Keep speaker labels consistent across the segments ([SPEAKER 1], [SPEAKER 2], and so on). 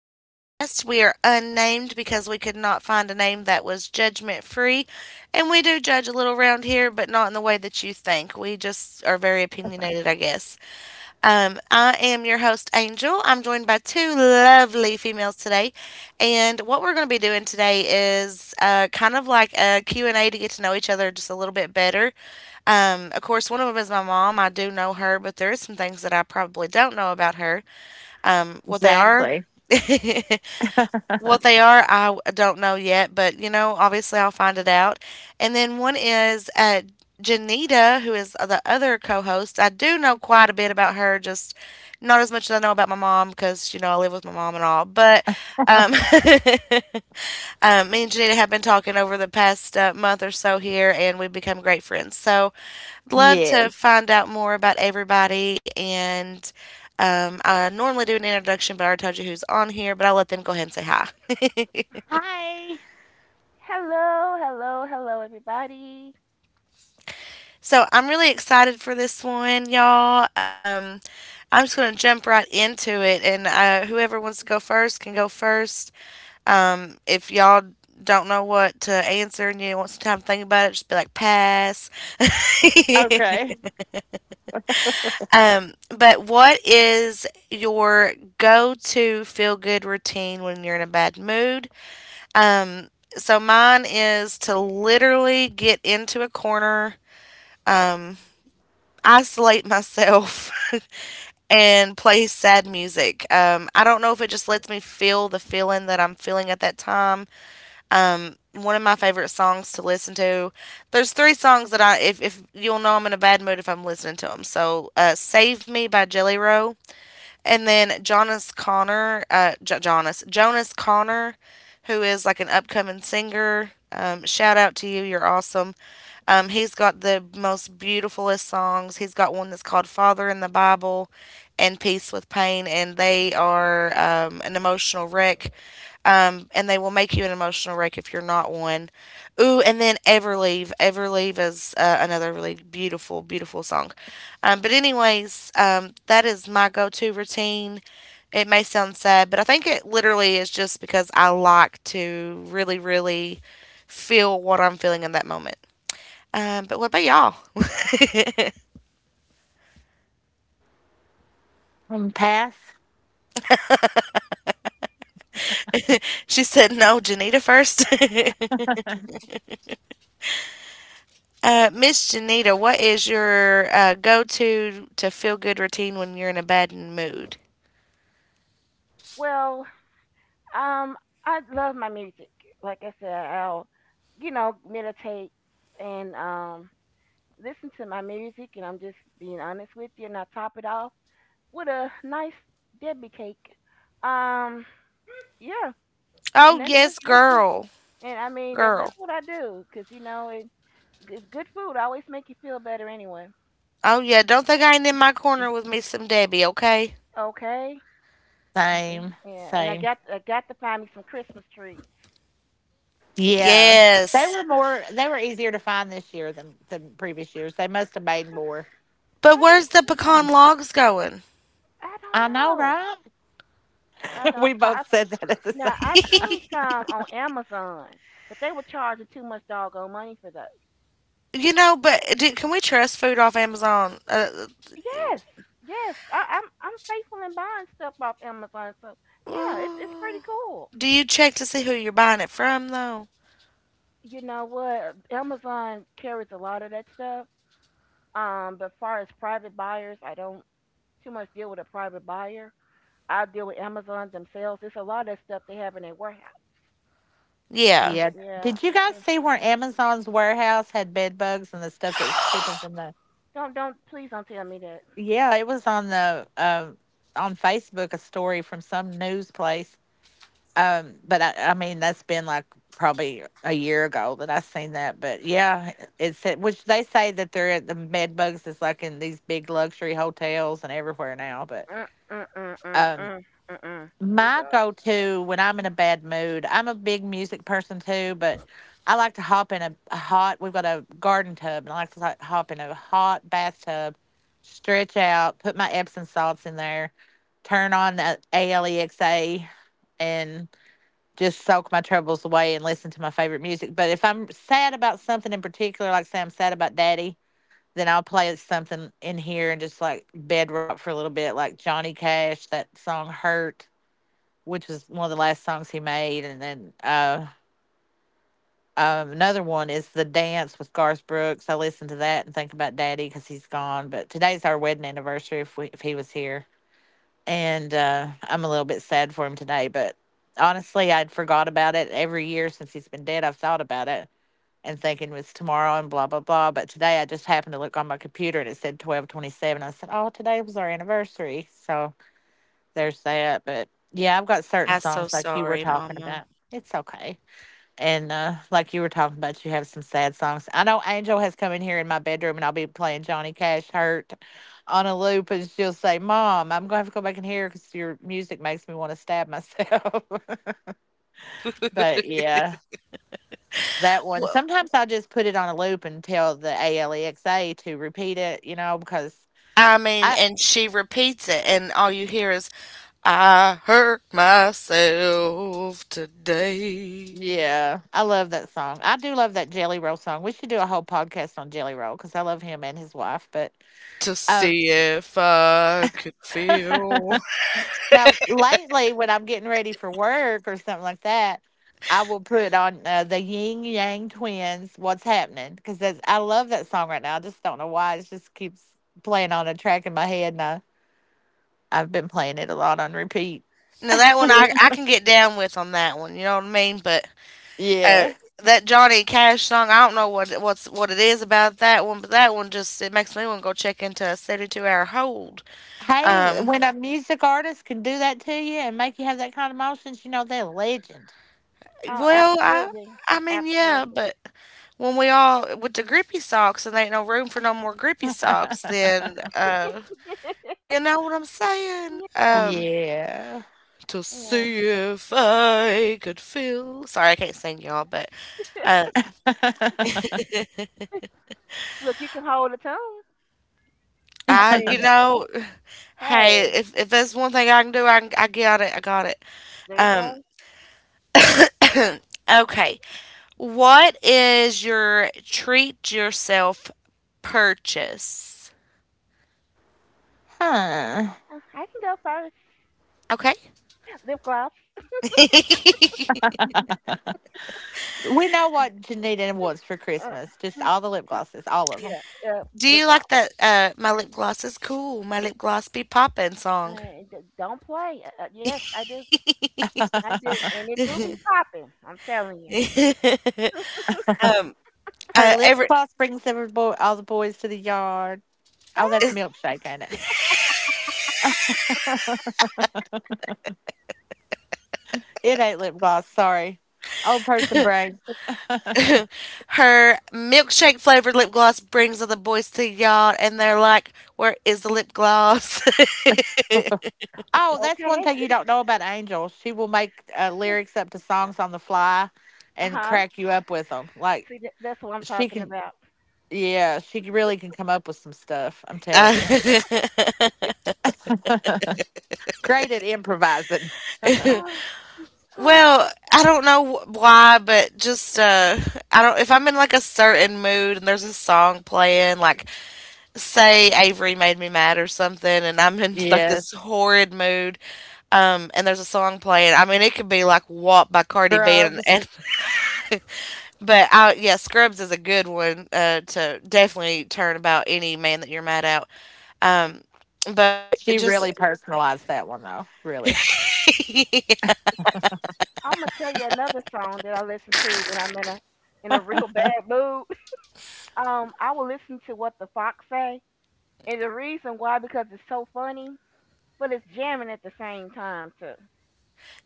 [SPEAKER 1] Podcast. We are unnamed because we could not find a name that was judgment free. And we do judge a little around here, but not in the way that you think. We just are very opinionated, I guess. I am your host, Angel. I'm joined by two lovely females today. And what we're going to be doing today is kind of like a Q and a to get to know each other just a little bit better. Of course, one of them is my mom. I do know her, but there is some things that I probably don't know about her. What they are, what they are, don't know yet, but you know, obviously I'll find it out. And then one is Janita, who is the other co-host. I do know quite a bit about her, just not as much as I know about my mom because you know I live with my mom and all. But um, me and Janita have been talking over the past month or so here, and we've become great friends. So love to find out more about everybody. And I normally do an introduction, but I already told you who's on here, but I'll let them go ahead and say hi.
[SPEAKER 2] Hello, hello, hello, everybody.
[SPEAKER 1] So I'm really excited for this one, y'all. I'm just going to jump right into it, and whoever wants to go first can go first. If y'all don't know what to answer and you want some time to think about it, just be like, pass. But what is your go to feel good routine when you're in a bad mood? Um, so mine is to literally get into a corner, isolate myself, and play sad music. I don't know if it just lets me feel the feeling that I'm feeling at that time. One of my favorite songs to listen to. There's three songs that I, if you'll know, I'm in a bad mood if I'm listening to them. So, "Save Me" by Jelly Roll, and then Jonas Connor, Jonas Connor, who is like an upcoming singer. Shout out to you, you're awesome. He's got the most beautifulest songs. He's got one that's called Father in the Bible and Peace with Pain, and they are an emotional wreck. And they will make you an emotional wreck if you're not one. Ooh, and then Everleave. Everleave is another really beautiful, beautiful song. But anyways, that is my go to routine. It may sound sad, but I think it literally is just because I like to really, really feel what I'm feeling in that moment. But what about y'all? she said, no, Janita first. Miss Janita, what is your go to feel good routine when you're in a bad mood?
[SPEAKER 2] Well, um, I love my music. Like I said, you know, meditate and listen to my music, and I'm just being honest with you, and I top it off with a nice Debbie cake. Um, yeah, and
[SPEAKER 1] Oh,
[SPEAKER 2] then this,
[SPEAKER 1] yes,
[SPEAKER 2] this,
[SPEAKER 1] girl.
[SPEAKER 2] and I mean that's
[SPEAKER 1] Girl.
[SPEAKER 2] what I do, 'cause you know it's good food. Always make you feel better anyway.
[SPEAKER 1] Oh, yeah. Don't think I ain't in my corner with me some Debbie, okay?
[SPEAKER 2] Okay. Yeah, and I got to find me some Christmas trees.
[SPEAKER 1] Yes. But where's the
[SPEAKER 2] I
[SPEAKER 1] pecan logs going?
[SPEAKER 2] I don't know. I know. I saw. Now I seen
[SPEAKER 1] you
[SPEAKER 2] some on Amazon, but they were charging too much doggone money for those.
[SPEAKER 1] know, but can we trust food off Amazon?
[SPEAKER 2] Yes, yes. I'm faithful in buying stuff off Amazon, so yeah, it's pretty
[SPEAKER 1] Uh,
[SPEAKER 2] cool.
[SPEAKER 1] do you check to see who you're buying it from, though?
[SPEAKER 2] You know what? Amazon carries a lot of that stuff. But far as private buyers, I don't too much deal with a private buyer. I deal with Amazon themselves. It's a lot of that stuff they have in their warehouse.
[SPEAKER 1] Yeah.
[SPEAKER 2] Yeah. Don't please don't tell me that. Mm, mm, mm, mm, mm, mm, mm. Oh God.
[SPEAKER 1] I'm so sorry, Mama. Wh- I mean, and she repeats it, and all you hear is, I hurt myself today to see if I could feel. Now, that one I can get down with on that one, you know what I mean? But uh, that Johnny Cash song, I don't know what what it is about that one, but that one just, it makes me want to go check into a 72-hour hold. um,
[SPEAKER 2] Oh,
[SPEAKER 1] Well,
[SPEAKER 2] absolutely.
[SPEAKER 1] I mean, yeah,
[SPEAKER 2] Absolutely.
[SPEAKER 1] but when we all with the grippy socks and there ain't no room for no more grippy socks, then you know what I'm saying?
[SPEAKER 2] Yeah.
[SPEAKER 1] To
[SPEAKER 2] Yeah.
[SPEAKER 1] see if I could feel sorry, I can't sing y'all, but uh
[SPEAKER 2] Look, you can hold a tone. I
[SPEAKER 1] I
[SPEAKER 2] say,
[SPEAKER 1] you know, hey,
[SPEAKER 2] hey,
[SPEAKER 1] if there's one thing I can do, I can, I got it.
[SPEAKER 2] there you
[SPEAKER 1] Um
[SPEAKER 2] go.
[SPEAKER 1] okay. What is your treat yourself purchase?
[SPEAKER 2] I can go first.
[SPEAKER 1] Okay.
[SPEAKER 2] Lip gloss. Uh, yeah, uh,
[SPEAKER 1] Do
[SPEAKER 2] lip
[SPEAKER 1] you
[SPEAKER 2] gloss.
[SPEAKER 1] like that? My lip gloss is cool. My lip gloss be poppin' song.
[SPEAKER 2] Don't play. Yes, I do. I do. And it do be popping. I'm telling you.
[SPEAKER 1] um, every is
[SPEAKER 2] Ah,
[SPEAKER 1] her milkshake flavored lip gloss brings all the boys to the yard, and they're like, "Where is the lip gloss?"
[SPEAKER 2] okay. Uh huh. See, that's what I'm talking about.
[SPEAKER 1] Uh,
[SPEAKER 2] Uh,
[SPEAKER 1] well, I don't know why, but just I don't. If I'm in like a certain mood and there's a song playing, like say Avery made me mad or something, and I'm in like this horrid mood, and there's a song playing. I mean, it could be like "WAP" by Cardi B, and but yeah, Scrubs is a good one to definitely turn about any man that you're mad at. Um, but it just do
[SPEAKER 2] I'm gonna tell you another song that I listen to when I'm in a real bad mood. I will listen to What the Fox Say, and the reason why because it's so funny, but it's jamming at the same time too.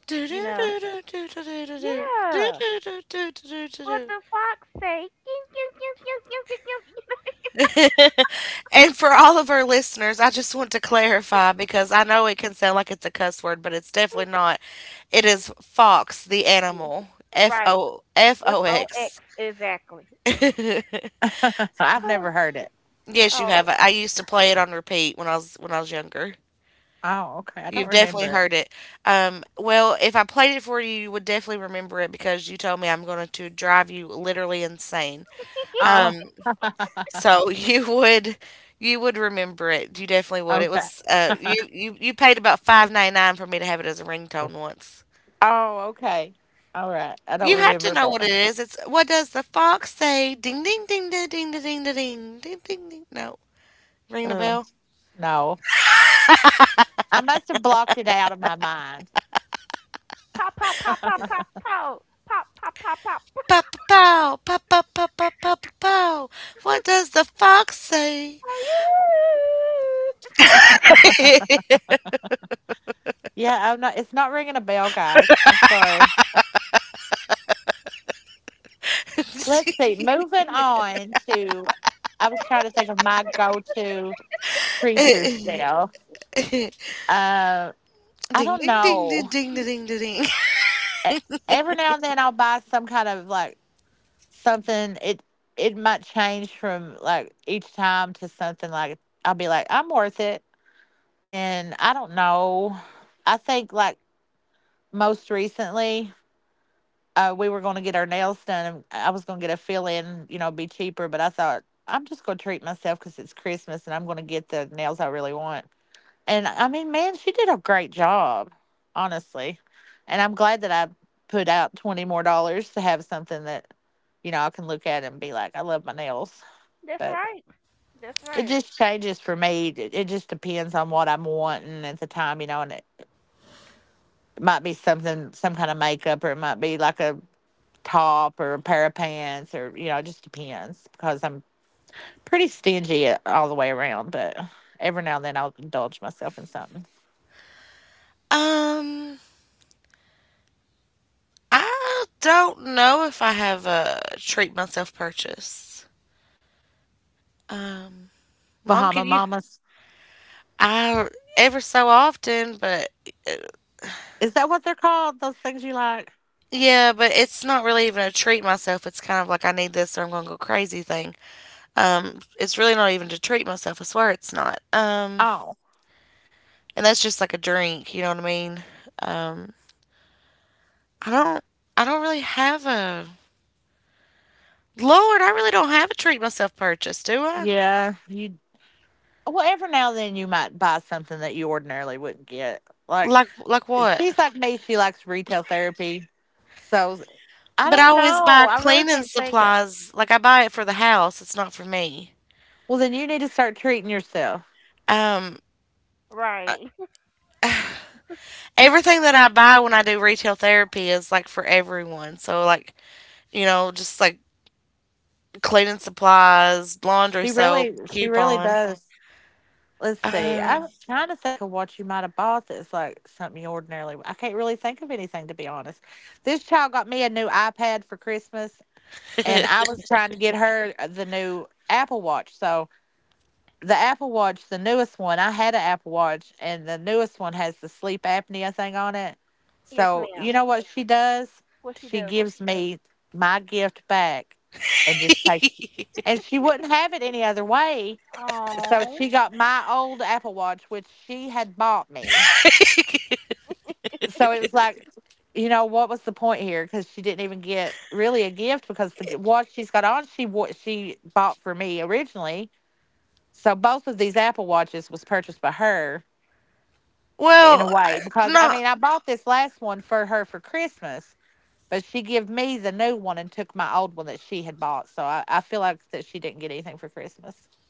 [SPEAKER 1] do do
[SPEAKER 2] You know?
[SPEAKER 1] do do do do do do
[SPEAKER 2] Yeah.
[SPEAKER 1] do do do do do
[SPEAKER 2] What
[SPEAKER 1] do.
[SPEAKER 2] the fox say?
[SPEAKER 1] and for all of our listeners, I just want to clarify because I know it can sound like it's a cuss word, but it's definitely not. It is fox, the animal.
[SPEAKER 2] Right.
[SPEAKER 1] F
[SPEAKER 2] F
[SPEAKER 1] O
[SPEAKER 2] O X
[SPEAKER 1] X.
[SPEAKER 2] exactly. oh.
[SPEAKER 1] Yes, you have. I used to play it on repeat when I was younger. You've definitely heard it. Well, if I played it for you, you would definitely remember it because you told me I'm going to drive you literally insane. Um, So you would remember it. You definitely would. It was you paid about 5.99 for me to have it as a ringtone once. You have to know what it is. It's what does the fox say? Ding ding ding ding ding ding ding da, ding ding ding ding. No, ringing the bell.
[SPEAKER 2] Pop pop pop pop pop pop pop pop pop pop.
[SPEAKER 1] Pa pa pow pa pa pa pa pa pa pow. What does the fox say?
[SPEAKER 2] Are you?
[SPEAKER 1] ding ding ding ding ding da, ding da, ding.
[SPEAKER 2] That's right. That's right.
[SPEAKER 1] Um, I don't know if I have a treat myself purchase. Um, mom, can you? I ever so often, but uh, yeah, but it's not really even a treat myself. It's kind of like I need this or I'm gonna go crazy thing. It's really not even to treat myself. I swear it's not. And that's just like a drink. You know what I mean? Um, I don't. I don't really have a Lord. I really don't have a treat myself purchase, do I? Like what? But I always buy cleaning supplies. Like I buy it for the house. It's not for me. Um,
[SPEAKER 2] Right.
[SPEAKER 1] I, everything that I buy when I do retail therapy is like for everyone. So like, you know, just like cleaning supplies, laundry soap, coupon. Um,
[SPEAKER 2] Yes, ma'am. What she do? Oh.
[SPEAKER 1] no,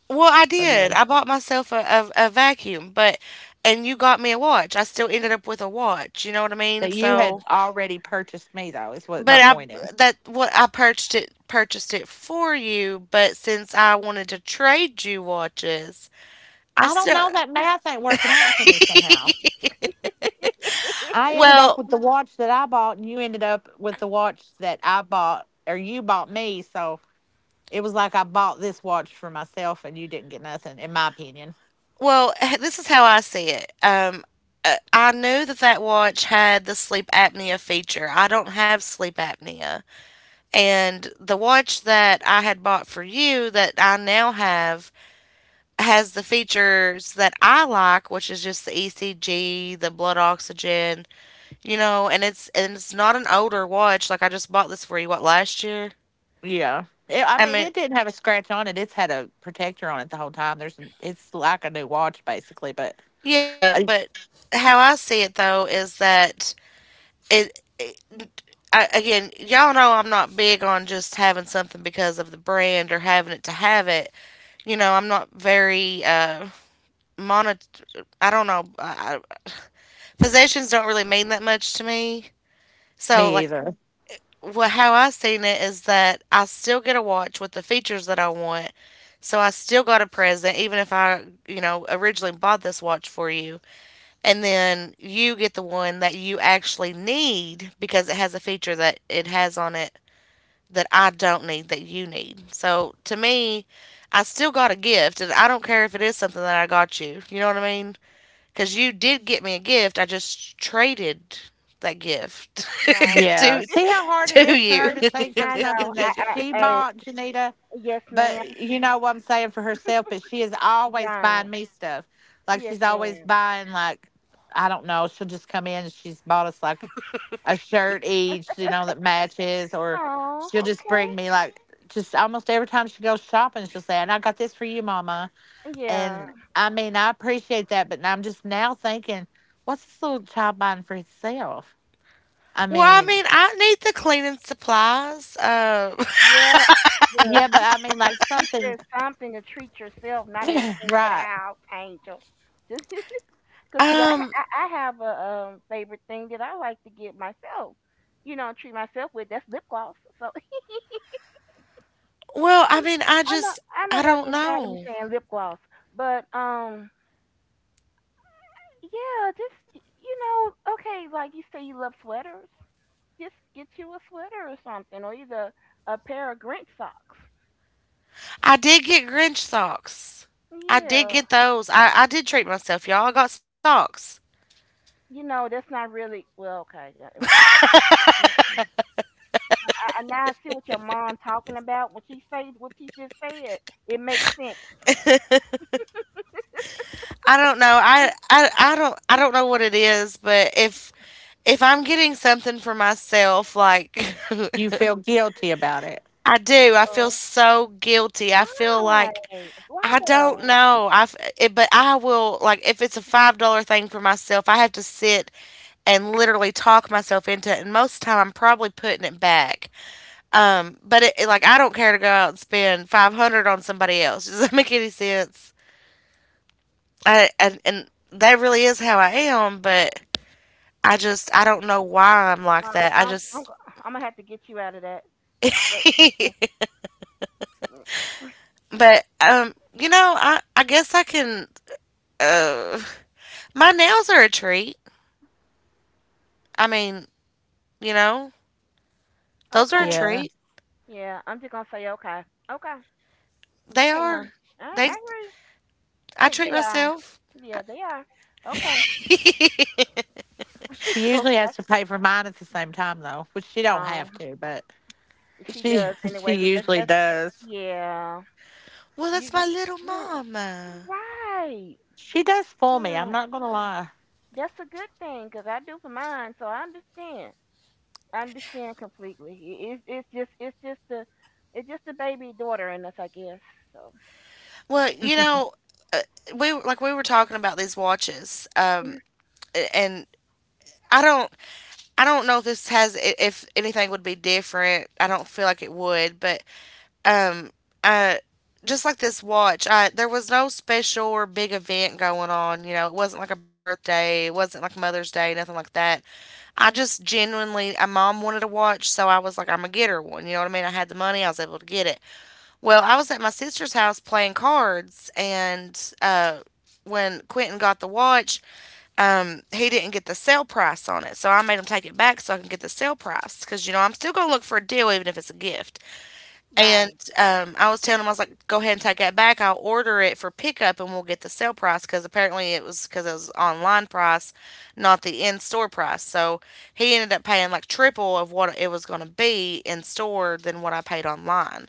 [SPEAKER 1] well, I did. I bought myself a vacuum, but and you got me a watch. I still ended up with a watch. You know what I mean? So, but I that what I purchased it for you. But since I wanted to trade you watches, I still. Well, Well, this is how I see it. I knew that that watch had the sleep apnea feature. I don't have sleep apnea. And the watch that I had bought for you that I now have has the features that I like, which is just the ECG, the blood oxygen, you know, and it's not an older watch like I just bought this for you what last year. I mean, yeah, but how I see it though is that it again, y'all know I'm not big on just having something because of the brand or having it to have it. You know, I'm not very mono. I don't know. Possessions don't really mean that much to me. So like, what how I seen it is that I still get a watch with the features that I want. So I still got a present, even if I, you know, originally bought this watch for you. And then you get the one that you actually need because it has a feature that it has on it that I don't need that you need. So to me, I still got a gift, and I don't care if it is something that I got you. You know what I mean? Because you did get me a gift. I just traded that gift
[SPEAKER 2] right.
[SPEAKER 1] to to you.
[SPEAKER 2] I know. I. Yes, ma'am. Right. Yes, ma'am. Oh. Okay. Yeah.
[SPEAKER 1] Well, I mean, I need the cleaning supplies.
[SPEAKER 2] Yeah. The she, s- she said something to treat yourself, not everything for the house, angel. Cause see,
[SPEAKER 1] Um.
[SPEAKER 2] I have a favorite thing that I like to get myself. You know, treat myself with that's lip gloss. So,
[SPEAKER 1] Well,
[SPEAKER 2] I
[SPEAKER 1] I
[SPEAKER 2] know,
[SPEAKER 1] mean, I just
[SPEAKER 2] I know
[SPEAKER 1] I
[SPEAKER 2] y'all
[SPEAKER 1] don't
[SPEAKER 2] getting tired of me
[SPEAKER 1] know.
[SPEAKER 2] saying lip gloss, but yeah, just you know, okay, like you say, you love sweaters. Just get you a sweater or something, or either a pair of Grinch socks.
[SPEAKER 1] I did get Grinch socks. I did
[SPEAKER 2] Yeah,
[SPEAKER 1] get those. I did treat myself, y'all. I got some socks.
[SPEAKER 2] you know, that's not really well. Okay, yeah, mm, mm, mm. I now I see what your mom talking about. When she say, what she just said, it makes sense.
[SPEAKER 1] I don't know. I don't I don't know what it is, but if I'm getting something for myself, like I do, I feel
[SPEAKER 2] Uh,
[SPEAKER 1] so guilty. I feel like
[SPEAKER 2] why? Why
[SPEAKER 1] I don't
[SPEAKER 2] though?
[SPEAKER 1] know. But I will, like, if it's a $5 thing for myself, I have to sit and literally talk myself into it. And most of the time, I'm probably putting it back. But like, I don't care to go out and spend 500 on somebody else. Does that make any sense? And that really is how I am. But I just, I don't know why I'm
[SPEAKER 2] Uh,
[SPEAKER 1] like that. I
[SPEAKER 2] I'm, I'm, go-
[SPEAKER 1] just
[SPEAKER 2] I'm gonna have to get you out of that. But mm, mm,
[SPEAKER 1] But I guess I can uh my nails are a treat. I mean, you know, those are a
[SPEAKER 2] okay.
[SPEAKER 1] treat.
[SPEAKER 2] Yeah, I'm just gonna say okay. Okay.
[SPEAKER 1] They
[SPEAKER 2] Okay, huh?
[SPEAKER 1] are. They
[SPEAKER 2] I agree.
[SPEAKER 1] I
[SPEAKER 2] Yeah,
[SPEAKER 1] treat
[SPEAKER 2] they are.
[SPEAKER 1] myself.
[SPEAKER 2] Yeah, they are. Okay. Okay. Um, she does anyway, 'cause that's yeah.
[SPEAKER 1] Well,
[SPEAKER 2] You
[SPEAKER 1] that's my
[SPEAKER 2] you
[SPEAKER 1] little
[SPEAKER 2] you you're
[SPEAKER 1] mama.
[SPEAKER 2] right. Yeah, that's a good thing, 'cause I do for mine, so I understand. I understand completely. It's just the baby daughter in us, I guess. So
[SPEAKER 1] Well, you know, uh, we, like, we were talking about these watches, and I don't, I don't know if this has, if anything would be different. I don't feel like it would, but Um, uh, just like this watch, I there was no special or big event going on. You know, it wasn't like a birthday, it wasn't like Mother's Day, nothing like that. I just genuinely, my mom wanted a watch, so I was like, I'm gonna get her one. You know what I mean? I had the money, I was able to get it. Well, I was at my sister's house playing cards, and when Quentin got the watch, he didn't get the sale price on it, so I made him take it back so I can get the sale price because, you know, I'm still gonna look for a deal even if it's a gift. And
[SPEAKER 2] right.
[SPEAKER 1] I was telling him, I was like, go ahead and take that back. I'll order it for pickup and we'll get the sale price because apparently it was because it was online price, not the in store price. So he ended up paying like triple of what it was going to be in store than what I paid online,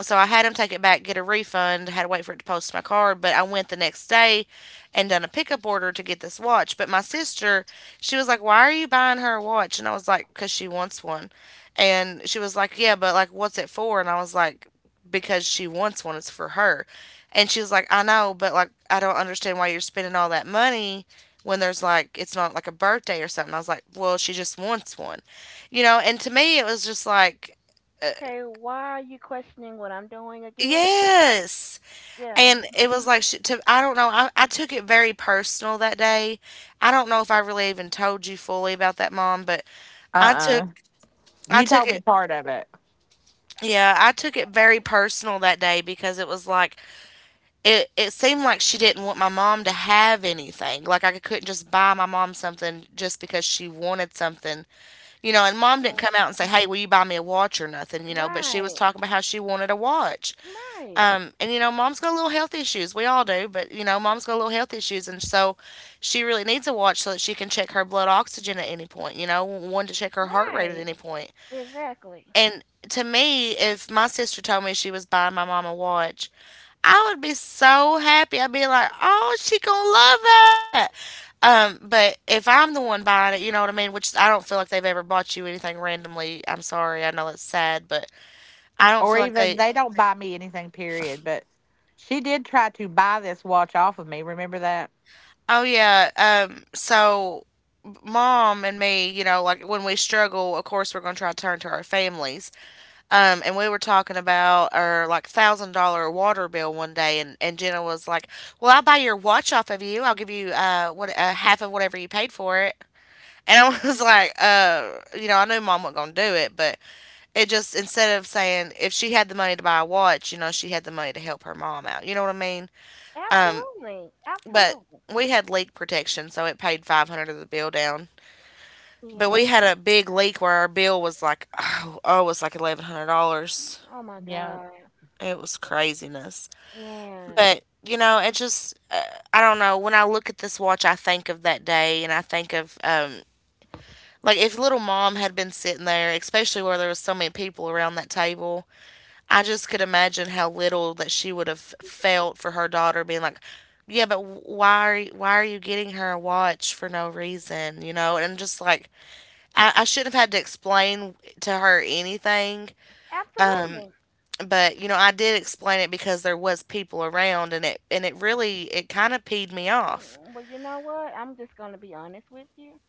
[SPEAKER 1] so I had him take it back, get a refund, had to wait for it to post to my card, but I went the next day and done a pickup order to get this watch. But my sister, she was like, "Why are you buying her a watch?" And I was like, "Cause she wants one." And she was like, "Yeah, but like what's it for?" And I was like, "Because she wants one. It's for her." And she was like, "I know, but like I don't understand why you're spending all that money. When there's like, it's not like a birthday or something." I was like, well, she just wants one, you know? And to me, it was just like,
[SPEAKER 2] Okay. Why are you questioning what I'm doing again?
[SPEAKER 1] yes.
[SPEAKER 2] Yeah.
[SPEAKER 1] And it was like I don't know. I took it very personal that day. I don't know if I really even told you fully about that, Mom, but I took I took it. Yeah, I took it very personal that day because it was like It seemed like she didn't want my mom to have anything. Like, I couldn't just buy my mom something just because she wanted something, you know. And mom didn't come out and say, "Hey, will you buy me a watch or nothing?" You know. But she was
[SPEAKER 2] Right,
[SPEAKER 1] talking about how she wanted a watch.
[SPEAKER 2] right,
[SPEAKER 1] And you know, mom's got little health issues. We all do, but you know, mom's got little health issues, and so she really needs a watch so that she can check her blood oxygen at any point. You know, one to check her heart rate at
[SPEAKER 2] right.
[SPEAKER 1] any point.
[SPEAKER 2] Exactly.
[SPEAKER 1] And to me, if my sister told me she was buying my mom a watch, I would be so happy. I'd be like, "Oh, she gonna love that." But if I'm the one buying it, you know what I mean. Which I don't feel like they've ever bought you anything randomly. I'm sorry, I know it's sad, but I don't feel like they. Oh yeah. So, mom and me, you know, like when we struggle, of course we're going to try to turn to our families. And we were talking about our like $1,000 water bill one day, and Jenna was like, "Well, I'll buy your watch off of you. I'll give you what half of whatever you paid for it." And I was like, you know, I knew mom wasn't gonna do it, but it just, instead of saying if she had the money to buy a watch, you know, she had the money to help her mom out. You know what I mean?
[SPEAKER 2] Absolutely,
[SPEAKER 1] But
[SPEAKER 2] absolutely.
[SPEAKER 1] we had leak protection, so it paid 500 of the bill down. But we
[SPEAKER 2] Yeah.
[SPEAKER 1] had a big leak where our bill was like, oh, oh it was like $1,100.
[SPEAKER 2] Oh my God,
[SPEAKER 1] It was craziness.
[SPEAKER 2] man.
[SPEAKER 1] But, you know, it just, I don't know. When I look at this watch, I think of that day and I think of, like, if little mom had been sitting there, especially where there was so many people around that table, I just could imagine how little that she would have felt for her daughter being like, "Yeah, but why are you getting her a watch for no reason?" You know, and just like I shouldn't have had to explain to her anything,
[SPEAKER 2] Absolutely.
[SPEAKER 1] but you know I did explain it because there was people around, and it really it kind of peed me off.
[SPEAKER 2] Mm. Well, you know what? I'm just gonna be honest with you.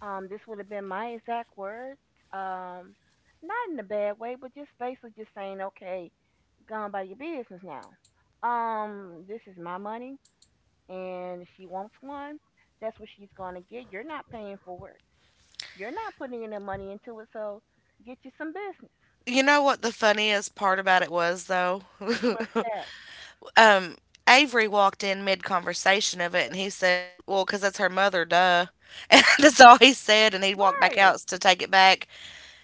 [SPEAKER 2] This would have been my exact words. Um, not in a bad way, but just basically just saying, okay, gone by your business now. This is my money, and if she wants one, that's what she's gonna get. You're not paying for it. You're not putting any money into it, so get you some business.
[SPEAKER 1] You know what the funniest part about it was though?
[SPEAKER 2] What's that?
[SPEAKER 1] Um, Avery walked in mid conversation of it and he said, "Well, because that's her mother, duh." And that's all he said. And he walked back out
[SPEAKER 2] Right,
[SPEAKER 1] to take it back.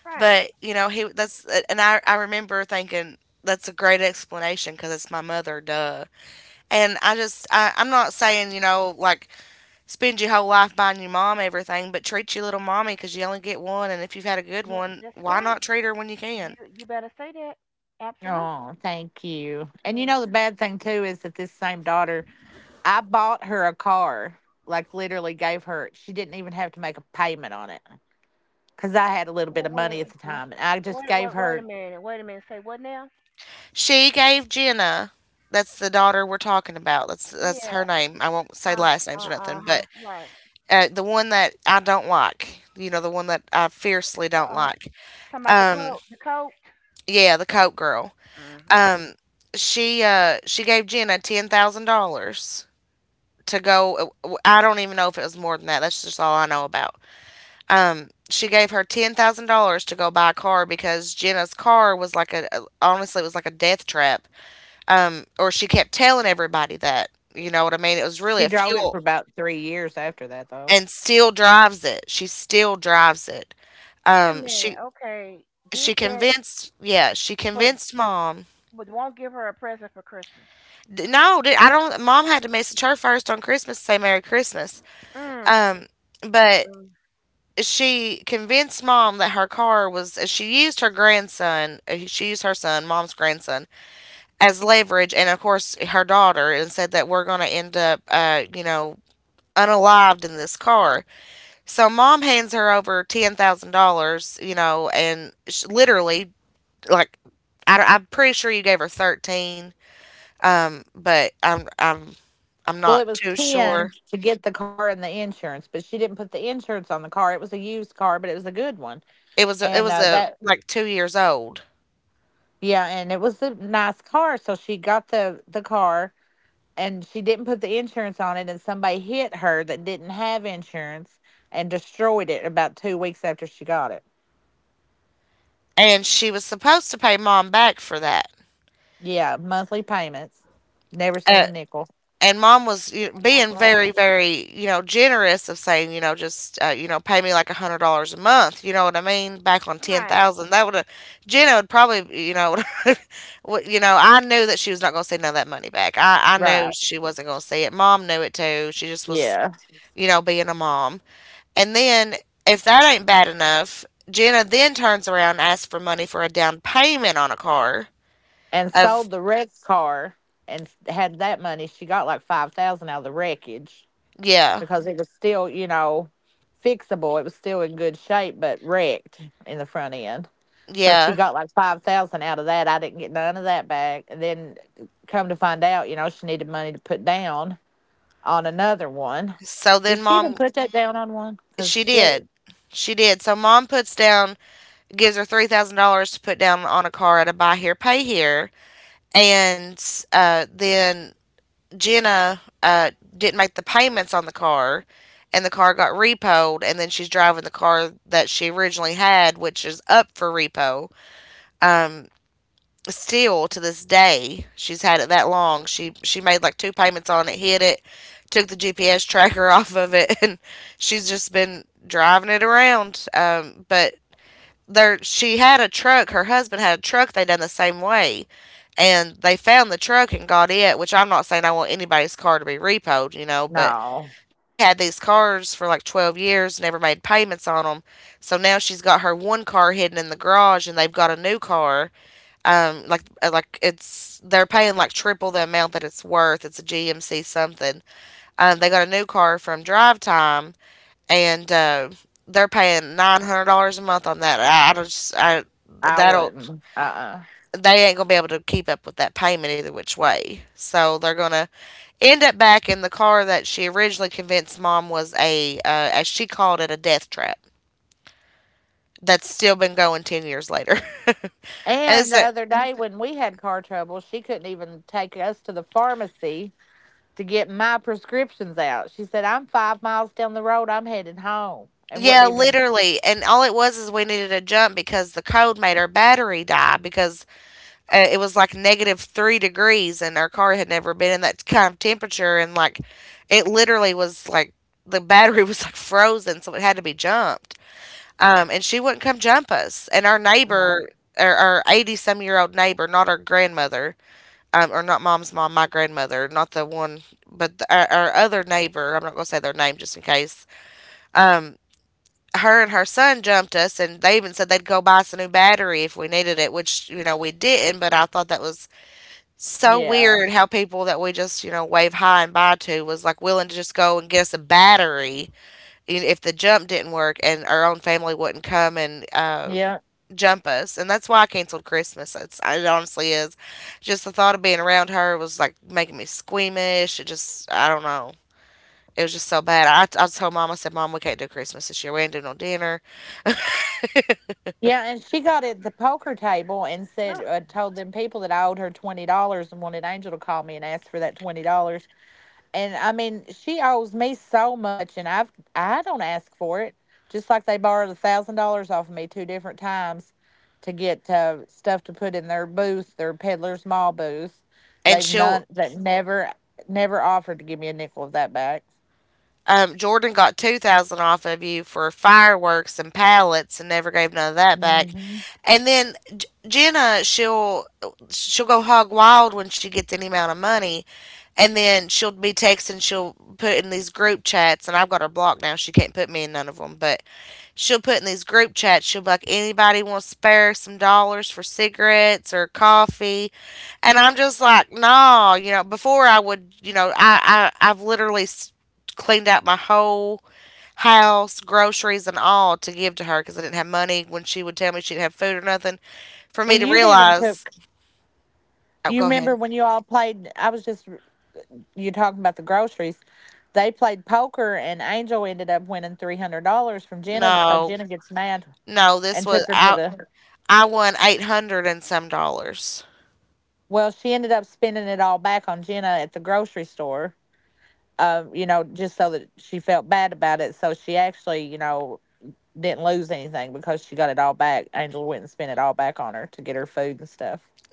[SPEAKER 2] right.
[SPEAKER 1] But, you know, he that's, and I remember thinking, that's a great explanation because it's my mother, duh. And I just, I, I'm not saying, you know, like spend your whole life buying your mom everything, but treat your little mommy because you only get one. And if you've had a good
[SPEAKER 2] Yeah,
[SPEAKER 1] one,
[SPEAKER 2] that's
[SPEAKER 1] why
[SPEAKER 2] right.
[SPEAKER 1] not treat her when you can?
[SPEAKER 2] You better say that. Absolutely. Mm. Well, Wait, wha- wait, wait a minute. Wait a minute. Say what now?
[SPEAKER 1] She gave Jenna, that's the daughter we're talking about. That's
[SPEAKER 2] Yeah.
[SPEAKER 1] her name. I won't say
[SPEAKER 2] Uh.
[SPEAKER 1] last names or nothing,
[SPEAKER 2] Huh.
[SPEAKER 1] but
[SPEAKER 2] Right.
[SPEAKER 1] the one that I don't like, you know, the one that I fiercely don't
[SPEAKER 2] Uh.
[SPEAKER 1] like.
[SPEAKER 2] Talking about the
[SPEAKER 1] Um,
[SPEAKER 2] coat. The coat.
[SPEAKER 1] yeah, the Coke girl.
[SPEAKER 2] Hmm.
[SPEAKER 1] Um, she gave Jenna $10,000 to go. I don't even know if it was more than that. That's just all I know about. She gave her $10,000 to go buy a car because Jenna's car was like a, honestly, it was like a death trap. Or she kept telling everybody that, you know what I mean? It was really a fuel, and still drives it. She still drives it.
[SPEAKER 2] Wait a
[SPEAKER 1] Um,
[SPEAKER 2] minute.
[SPEAKER 1] she
[SPEAKER 2] Okay. Did
[SPEAKER 1] she
[SPEAKER 2] that,
[SPEAKER 1] convinced, yeah, she
[SPEAKER 2] but
[SPEAKER 1] convinced mom.
[SPEAKER 2] won't give her a present for Christmas.
[SPEAKER 1] No, I don't. Mom had to message her first on Christmas to say Merry Christmas.
[SPEAKER 2] Mm.
[SPEAKER 1] Um,
[SPEAKER 2] Mm.
[SPEAKER 1] but
[SPEAKER 2] Mm.
[SPEAKER 1] she convinced mom that her car was. She used her grandson. She used her son, mom's grandson, as leverage, and of course her daughter, and said that we're going to end up, you know, unalived in this car. So mom hands her over $10,000, you know, and sh literally, like, I, I'm pretty sure you gave her thirteen, but I'm not too sure. It was a like 2 years old, and she was supposed to pay mom back for that. Uh, and mom was, you know,
[SPEAKER 2] Oh my
[SPEAKER 1] being
[SPEAKER 2] God.
[SPEAKER 1] very, very, you know, generous of saying, you know, just, you know, pay me like $100 a month, you know what I mean, back on ten
[SPEAKER 2] Right.
[SPEAKER 1] thousand That would have, Jenna would probably, you know, you know, I knew that she was not going to see none of that money back. I knew she wasn't going to see it. Mom knew it too. She just was, you know, being a mom. And then, if that ain't bad enough, Jenna then turns around and asks for money for a down payment on a car. Of Yeah. Yeah. So then mom, she did. She did. So mom puts down, gives her $3,000 to put down on a car at a buy here, pay here, and then Jenna didn't make the payments on the car, and the car got repoed, and then she's driving the car that she originally had, which is up for repo. Um, Still to this day, she's had it that long. She made like 2 payments on it, hid it, took the GPS tracker off of it, and she's just been driving it around. But she had a truck. Her husband had a truck. They done the same way, and they found the truck and got it. Which I'm not saying I want anybody's car to be repoed, but they had these cars for like 12 years, never made payments on them. So now she's got her one car hidden in the garage, and they've got a new car. Like it's They're paying like triple the amount that it's worth. It's a GMC something. They got a new car from Drive Time, and they're paying $900 a month on that. I don't just I that'll They ain't gonna be able to keep up with that payment either which way, so they're gonna end up back in the car that she originally convinced Mom was a as she called it, a death trap that's still been going 10 years later. and it's a, Yeah, literally. And all it was is we needed a jump because the cold made our battery die because it was like negative 3 degrees and our car had never been in that kind of temperature. And like, it literally was like the battery was like frozen, so it had to be jumped. And she wouldn't come jump us. And our neighbor, our 80 some year old neighbor, not our grandmother, or not Mom's mom, my grandmother, not the one, but our other neighbor, I'm not going to say their name just in case. um, Her and her son jumped us, and they even said they'd go buy us a new battery if we needed it, which, we didn't. But I thought that was so weird how people that we just, wave hi and bye to was like willing to just go and get us a battery if the jump didn't work and our own family wouldn't come and jump us. And that's why I canceled Christmas. It honestly is. Just the thought of being around her was like making me squeamish. It just, I don't know. It was just so bad. I told Mom, I said, Mom, we can't do Christmas this year. We ain't doing no dinner.
[SPEAKER 2] Uh,
[SPEAKER 1] and she'll Jordan got 2,000 off of you for fireworks and pallets and never gave none of that back. And then Jenna, she'll go hog wild when she gets any amount of money, and then she'll be texting. She'll put in these group chats, and I've got her blocked now. She can't put me in none of them, but she'll put in these group chats. She'll be like, anybody want to spare some dollars for cigarettes or coffee? And I'm just like, no, before I would, I've literally cleaned out my whole house, groceries and all to give to her because I didn't have money when she would tell me she didn't have food or nothing. For me to realize, oh, go ahead. No, no, this was I. I won 800 and some dollars.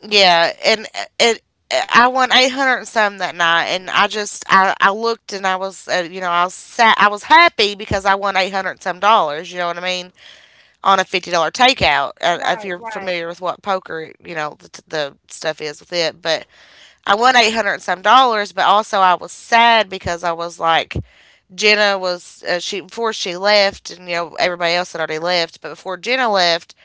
[SPEAKER 1] Yeah, and it. I won 800 and some that night, and I looked and I was I was I was happy because I won 800 and some dollars. You know what I mean? On a $50 takeout. If
[SPEAKER 2] right.
[SPEAKER 1] you're
[SPEAKER 2] Right.
[SPEAKER 1] familiar with what poker, the stuff is with it. But I won 800 and some dollars, but also I was sad because I was like Jenna was she, before she left, and everybody else had already left, but before Jenna left,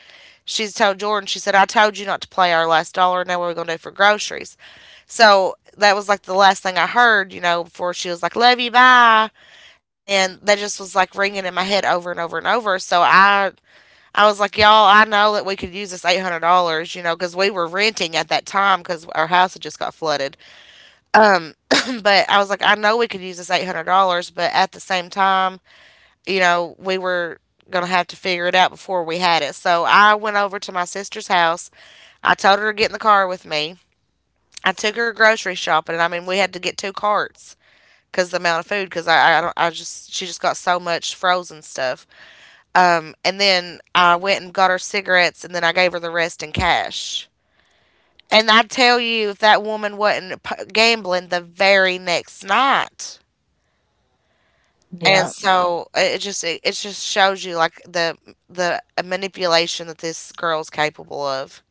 [SPEAKER 1] she told Jordan, she said, I told you not to play our last dollar and now we going to do for groceries. So that was like the last thing I heard, before she was like, love you, bye. And that just was like ringing in my head over and over and over. So I was like, y'all, I know that we could use this $800, because we were renting at that time because our house had just got flooded. But I was like, I know we could use this $800, but at the same time, we were going to have to figure it out before we had it. So I went over to my sister's house. I told her to get in the car with me. I took her grocery shopping, and I mean, we had to get two carts because the amount of food, because don't, I just she just got so much frozen stuff. And then I went and got her cigarettes, and then I gave her the rest in cash. And I tell you, if that woman wasn't gambling the very next night. And so it just it just shows you like the manipulation that this girl's capable of.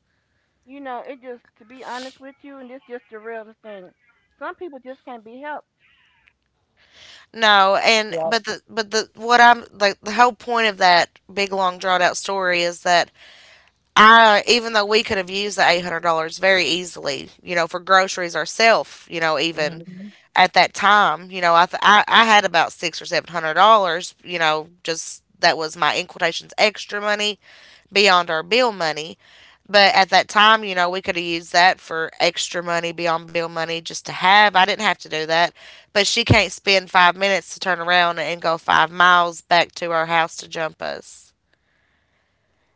[SPEAKER 2] You know, it just to be honest with you, and it's just the real thing. Some people just can't be helped,
[SPEAKER 1] No, and but the what I'm like the whole point of that big long drawn out story is that, I even though we could have used the $800 very easily, for groceries ourselves, even at that time, I had about six or seven hundred dollars, just that was my in quotations extra money beyond our bill money. But at that time, we could have used that for extra money beyond bill money just to have. I didn't have to do that. But she can't spend 5 minutes to turn around and go 5 miles back to our house to jump us.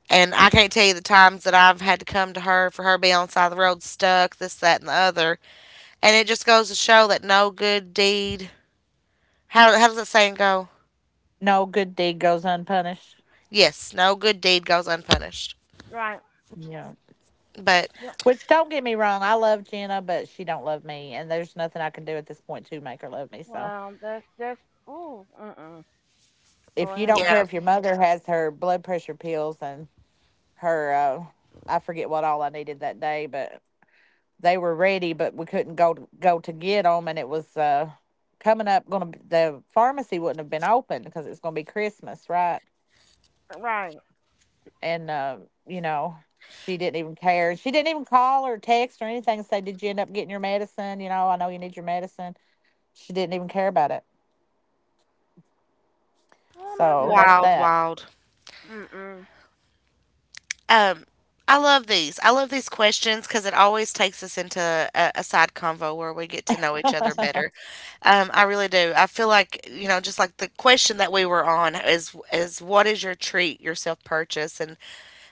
[SPEAKER 1] And I can't tell you the times that I've had to come to her for her being on the side of the road stuck, this, that, and the other. And it just goes to show that no good deed. How does that saying go? Yes, no good deed goes unpunished.
[SPEAKER 2] right?
[SPEAKER 1] But
[SPEAKER 2] Yep. Well, that's that's mm-mm. Lord have
[SPEAKER 1] yeah,
[SPEAKER 2] mercy. Right. Oh my goodness.
[SPEAKER 1] wild, wild.
[SPEAKER 2] Mm-mm.
[SPEAKER 1] Um, I love these. I love these questions because it always takes us into a side convo where we get to know each other better. I really do. I feel like, just like the question that we were on is what is your treat, your self purchase, and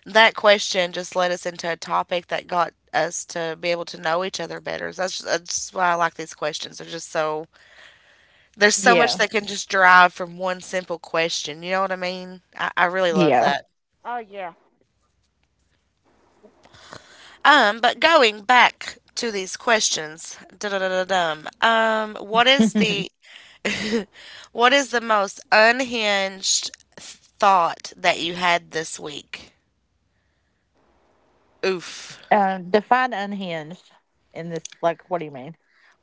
[SPEAKER 1] that question just led us into a topic that got us to be able to know each other better. So that's just why I like these questions. They're just so, there's so much that can just derive from one simple question. You know what I mean? I really love that.
[SPEAKER 2] Oh yeah.
[SPEAKER 1] But going back to these questions, da-da-da-da-dum, what is the most unhinged thought that you had this week? Oof.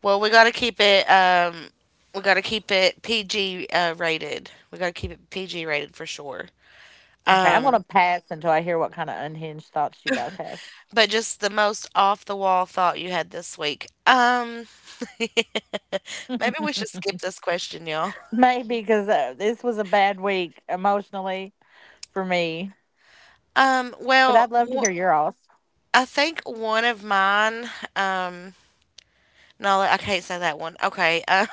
[SPEAKER 1] Well, we gotta keep it. We gotta keep it PG rated. We gotta keep it PG rated for sure. Um, but just the most off the wall thought you had this week. Maybe we should skip this question, y'all. Um, well, w- I think one of mine. Um, No, I can't say that one. Okay.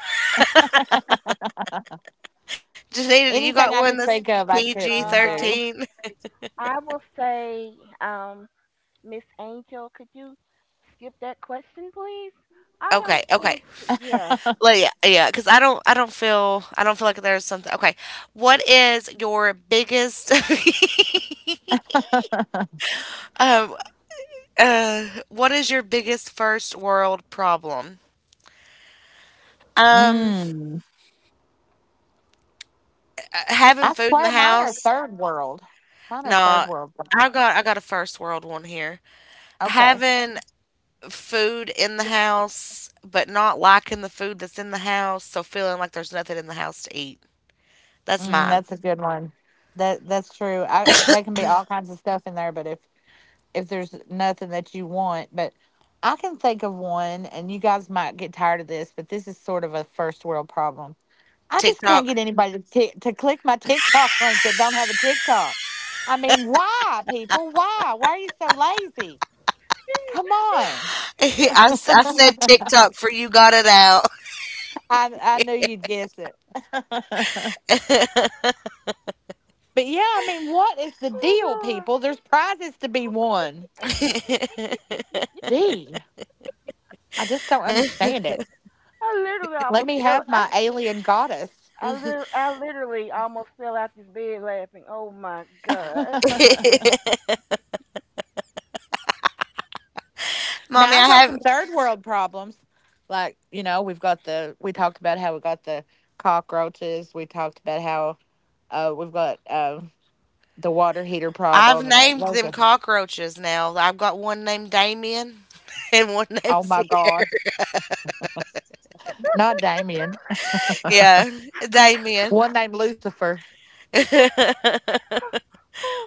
[SPEAKER 1] Janita, do you got one that's PG
[SPEAKER 2] Um,
[SPEAKER 1] 13?
[SPEAKER 2] I will say, um, Miss Angel, could you skip that question, please? I
[SPEAKER 1] Okay,
[SPEAKER 2] don't
[SPEAKER 1] okay.
[SPEAKER 2] think. Yeah.
[SPEAKER 1] Yeah, yeah, because I don't feel like there's something. Okay, what is your biggest, um, what is your biggest first world problem? Um, Having food in the house. No, I got a first world one here. Having food in the house, but not liking the food that's in the house, so feeling like there's nothing in the house to eat. That's mine. TikTok. I said TikTok for you got it out.
[SPEAKER 2] oh, oh Lord. I literally almost fell. I literally almost fell out this bed laughing. Oh my god.
[SPEAKER 1] Mommy, I've named them cockroaches now. I've got one named Damien and one named Yeah, Damien.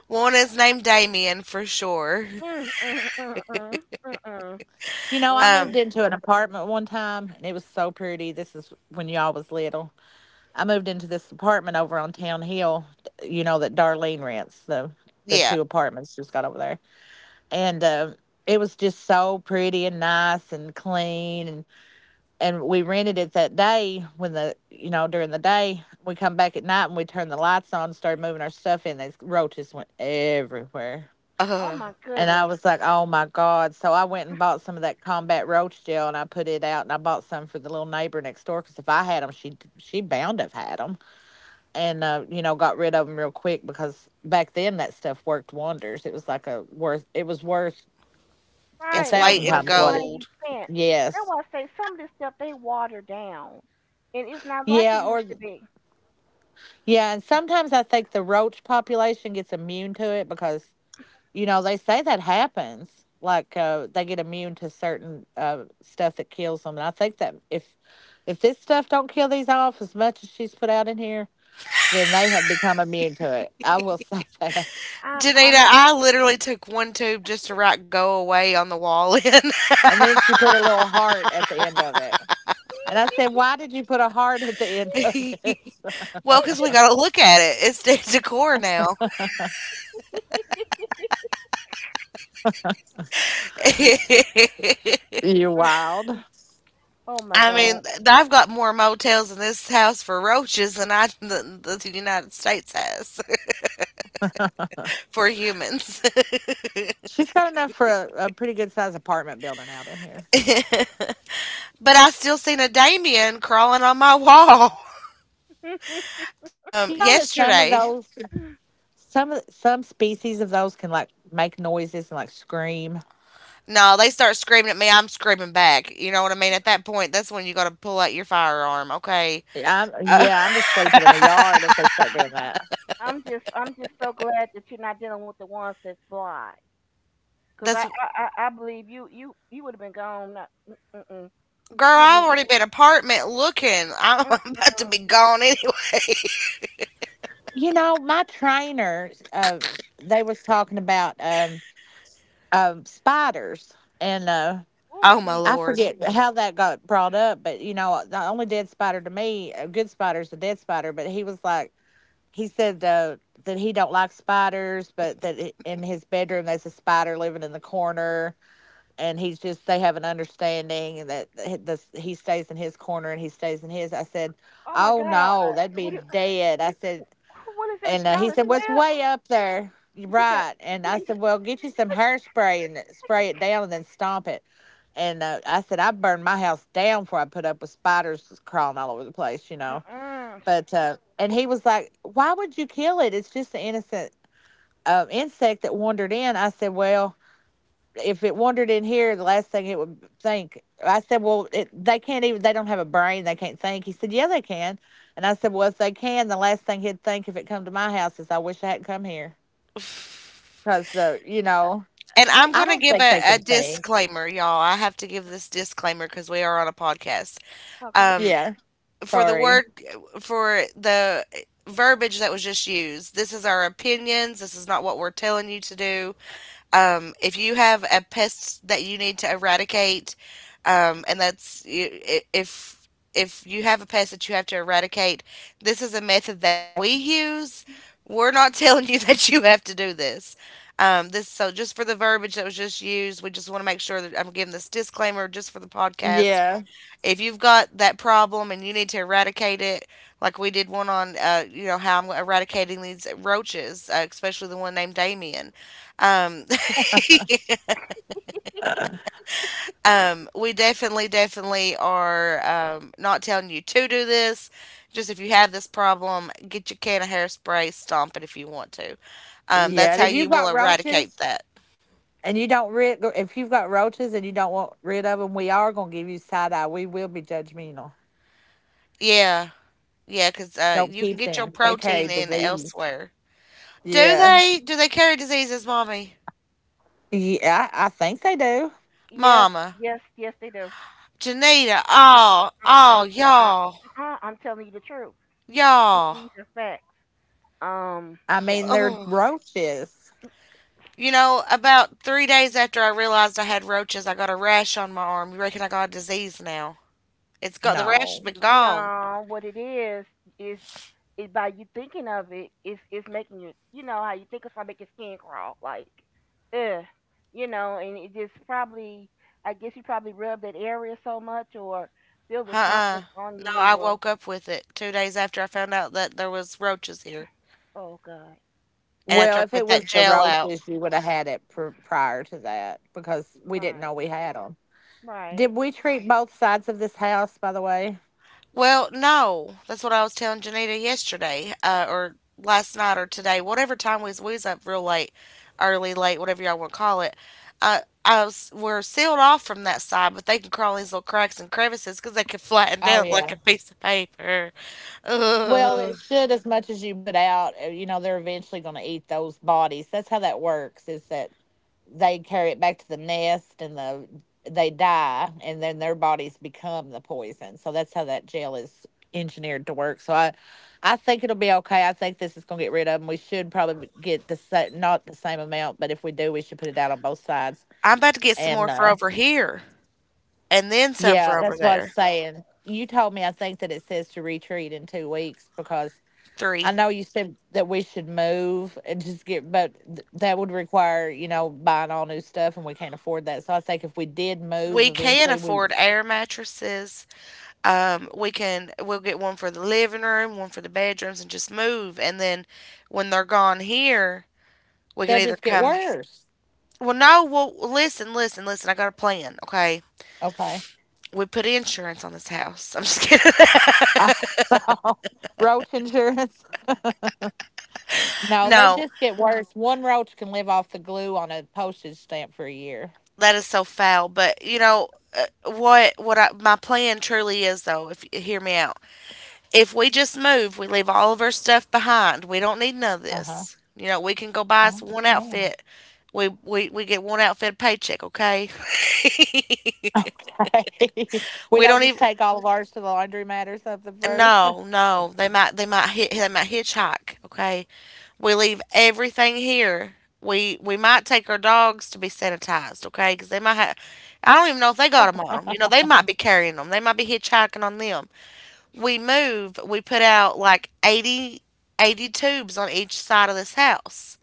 [SPEAKER 1] One is named Damien for sure.
[SPEAKER 2] Mm, mm, mm, mm, mm, mm, mm, mm.
[SPEAKER 1] Yeah.
[SPEAKER 2] Oh
[SPEAKER 1] Uh,
[SPEAKER 2] my goodness.
[SPEAKER 1] it's
[SPEAKER 2] Right, it was
[SPEAKER 1] white
[SPEAKER 2] worth
[SPEAKER 1] and
[SPEAKER 2] the money you
[SPEAKER 1] gold.
[SPEAKER 2] spent. That's why I say some of this stuff they water down. And it's not like it used to be. I'm
[SPEAKER 1] Janita, I literally took one tube just to write "go away" on the wall in. Well, cause we gotta look at it. It's de decor now.
[SPEAKER 2] Mm, oh my
[SPEAKER 1] I
[SPEAKER 2] god.
[SPEAKER 1] mean, th I've got more motels in this house for roaches than I than the United States has for humans. But I still seen a Damien crawling on my wall, yesterday. No, they start screaming at me. I'm screaming back. You know what I mean? At that point, that's when you gotta pull out your firearm, okay?
[SPEAKER 2] I'm just so glad that you're not dealing with the ones that's blind. Cause
[SPEAKER 1] That's
[SPEAKER 2] I believe you would have been gone. Not mm
[SPEAKER 1] Girl,
[SPEAKER 2] you'd
[SPEAKER 1] I've
[SPEAKER 2] been.
[SPEAKER 1] already been apartment looking. I'm
[SPEAKER 2] uh,
[SPEAKER 1] about to
[SPEAKER 2] Mm-mm.
[SPEAKER 1] be gone anyway.
[SPEAKER 2] Oh
[SPEAKER 1] Oh my
[SPEAKER 2] gee.
[SPEAKER 1] lord.
[SPEAKER 2] Oh my God. What do you, wh- what is that? Charlotte Webb. He got. Mm-mm. Sh-
[SPEAKER 1] And
[SPEAKER 2] they-
[SPEAKER 1] I'm going to give a disclaimer, y'all. I have to give this disclaimer because we are on a podcast.
[SPEAKER 2] Okay.
[SPEAKER 1] Um, for the word, for the verbiage that was just used, this is our opinions. This is not what we're telling you to do. If you have a pest that you need to eradicate, and that's you- I- if you have a pest that you have to eradicate, this is a method that we use. We're not telling you that you have to do this. So just for the verbiage that was just used, we just want to make sure that I'm giving this disclaimer just for the podcast. If you've got that problem and you need to eradicate it, like we did one on, you know how I'm eradicating these roaches, especially the one named Damien. Um, we definitely, definitely are not telling you to do this. Just if you have this problem, get your can of hairspray, stomp it if you want to. That's how you will eradicate that. Yeah, yeah, because you can get your protein in elsewhere. Do they? Do they carry diseases, Mommy?
[SPEAKER 2] Yes.
[SPEAKER 1] Mama,
[SPEAKER 2] Yes. Yes. They do.
[SPEAKER 1] Janita,
[SPEAKER 2] I,
[SPEAKER 1] oh,
[SPEAKER 2] I,
[SPEAKER 1] oh,
[SPEAKER 2] I'm I,
[SPEAKER 1] y'all,
[SPEAKER 2] uh-uh, I'm telling you the truth.
[SPEAKER 1] y'all.
[SPEAKER 2] These are facts. Yeah.
[SPEAKER 1] Oh, about 3 days after I realized I had roaches, I got a rash on my arm. You reckon I got a disease now? It's got the
[SPEAKER 2] Y-
[SPEAKER 1] rash has been gone.
[SPEAKER 2] No. What it is is. It, by you thinking of it, it's making you. You know how you think of something make your skin crawl like, ugh, you know, and it just probably I guess you probably rub that area so much or feel that something's
[SPEAKER 1] Uh-uh.
[SPEAKER 2] on
[SPEAKER 1] No,
[SPEAKER 2] you
[SPEAKER 1] I
[SPEAKER 2] or
[SPEAKER 1] woke up with it 2 days after I found out that there was roaches here,
[SPEAKER 2] oh god,
[SPEAKER 1] and after I put that gel out.
[SPEAKER 2] right, right,
[SPEAKER 1] Well, no, that's what I was telling Janita yesterday, or last night or today, whatever time we was up real late, early late, whatever y'all want to call it. Uh, I was we're sealed off from that side, but they can crawl in these little cracks and crevices because they can flatten down like a piece of paper. Ugh. I'm about to get some more for over here, and then some for over there. Three. We can afford air mattresses. We'll get one for the living room, one for the bedrooms, and just move. And then when they're gone here, we can either come. Well, no. Well, listen, listen, listen. I got a plan. Okay. We put insurance on this house. I'm just kidding. No, that is so foul. But you know what? My plan truly is, though, if you hear me out. If we just move, we leave all of our stuff behind. We don't need none of this. You know, we can go buy us one outfit. We get one outfit paycheck, okay? we don't even no, no. They might hitchhike, okay? We leave everything here. We might take our dogs to be sanitized, okay? Because they might have. I don't even know if they got them on them. You know, they might be carrying them. They might be hitchhiking on them. We move, we put out like 80, 80 tubes on each side of this house.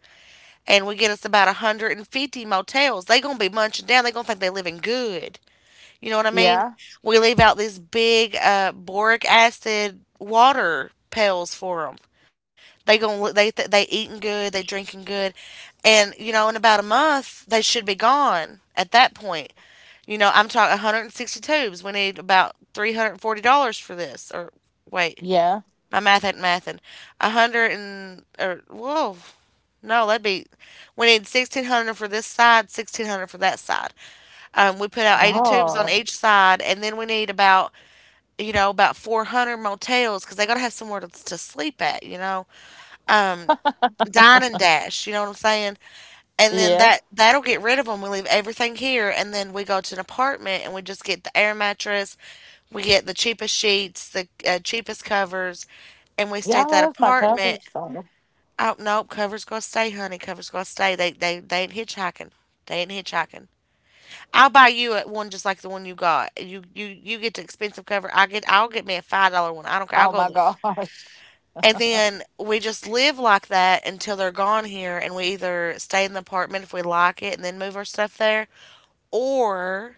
[SPEAKER 1] And we get us about 150 motels. They gonna be munching down. They gonna think they living good. You know what I mean? We leave out these big boric acid water pails for them. They eating good. They drinking good, and you know in about a month they should be gone. At that point, you know I'm talking 160 tubes. We need about $340 for this. Or wait, my math ain't mathin'. 100 and, or whoa. No, that'd be. We need 1,600 for this side, 1,600 for that side. We put out 80 tubes on each side, and then we need about you know about 400 motels because they gotta have somewhere to sleep at. Um, Dine and dash. You know what I'm saying? And then that'll get rid of them. We leave everything here, and then we go to an apartment, and we just get the air mattress. We get the cheapest sheets, the cheapest covers, and we stay at that apartment. Oh nope, cover's gonna stay, honey. Cover's gonna stay. They ain't hitchhiking. They ain't hitchhiking. I'll buy you a one just like the one you got. You get the expensive cover. I'll get me a $5 one. I don't care. I'll go. And then we just live like that until they're gone here, and we either stay in the apartment if we like it, and then move our stuff there, or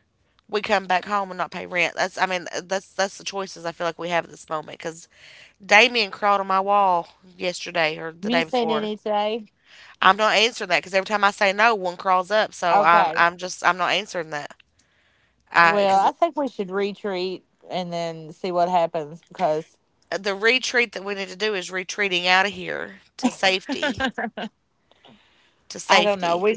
[SPEAKER 1] we come back home and not pay rent. That's I mean that's the choices I feel like we have at this moment. Because Damien crawled on my wall yesterday or the day before. I'm not answering that because every time I say no, one crawls up. So I'm just I'm not answering that. I Because the retreat that we need to do is retreating out of here to safety, to safety.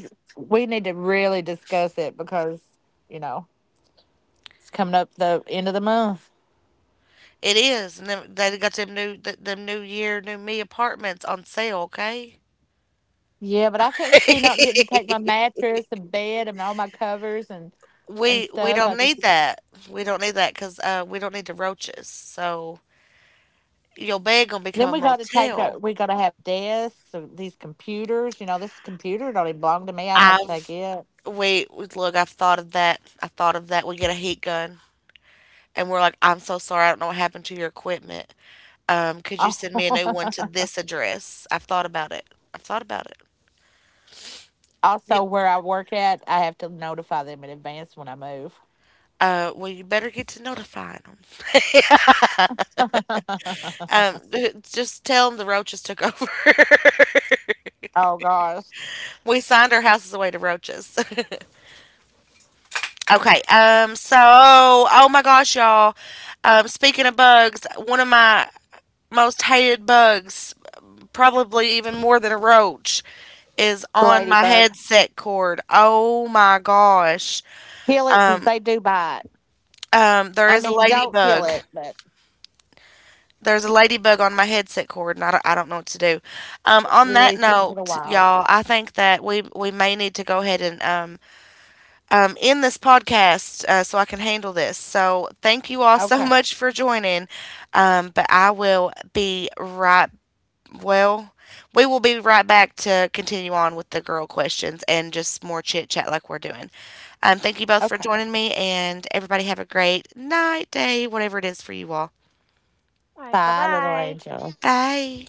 [SPEAKER 1] It is, and then they got them new year new me apartments on sale. Okay, we don't need that. We don't need that because we don't need the roaches. So your bed gonna become a motel. I've we look. I've thought of that. I thought of that. We get a heat gun. And we're like, I'm so sorry, I don't know what happened to your equipment. Could you send me a new one to this address? I've thought about it. I've thought about it. You, well, you better get to notifying them. Just tell them the roaches took over. We signed our houses away to roaches. Okay. So, oh my gosh, y'all. Speaking of bugs, one of my most hated bugs, probably even more than a roach, is on my headset cord. Oh my gosh. There is a ladybug. There's a ladybug on my headset cord, and I don't know what to do. On that note, y'all, I think that we may need to go ahead and end this podcast, so I can handle this. So thank you all so much for joining. But I will be right. Well, we will be right back to continue on with the girl questions and just more chit chat like we're doing. Thank you both for joining me, and everybody have a great night, day, whatever it is for you all.
[SPEAKER 2] right, bye bye.
[SPEAKER 1] Bye.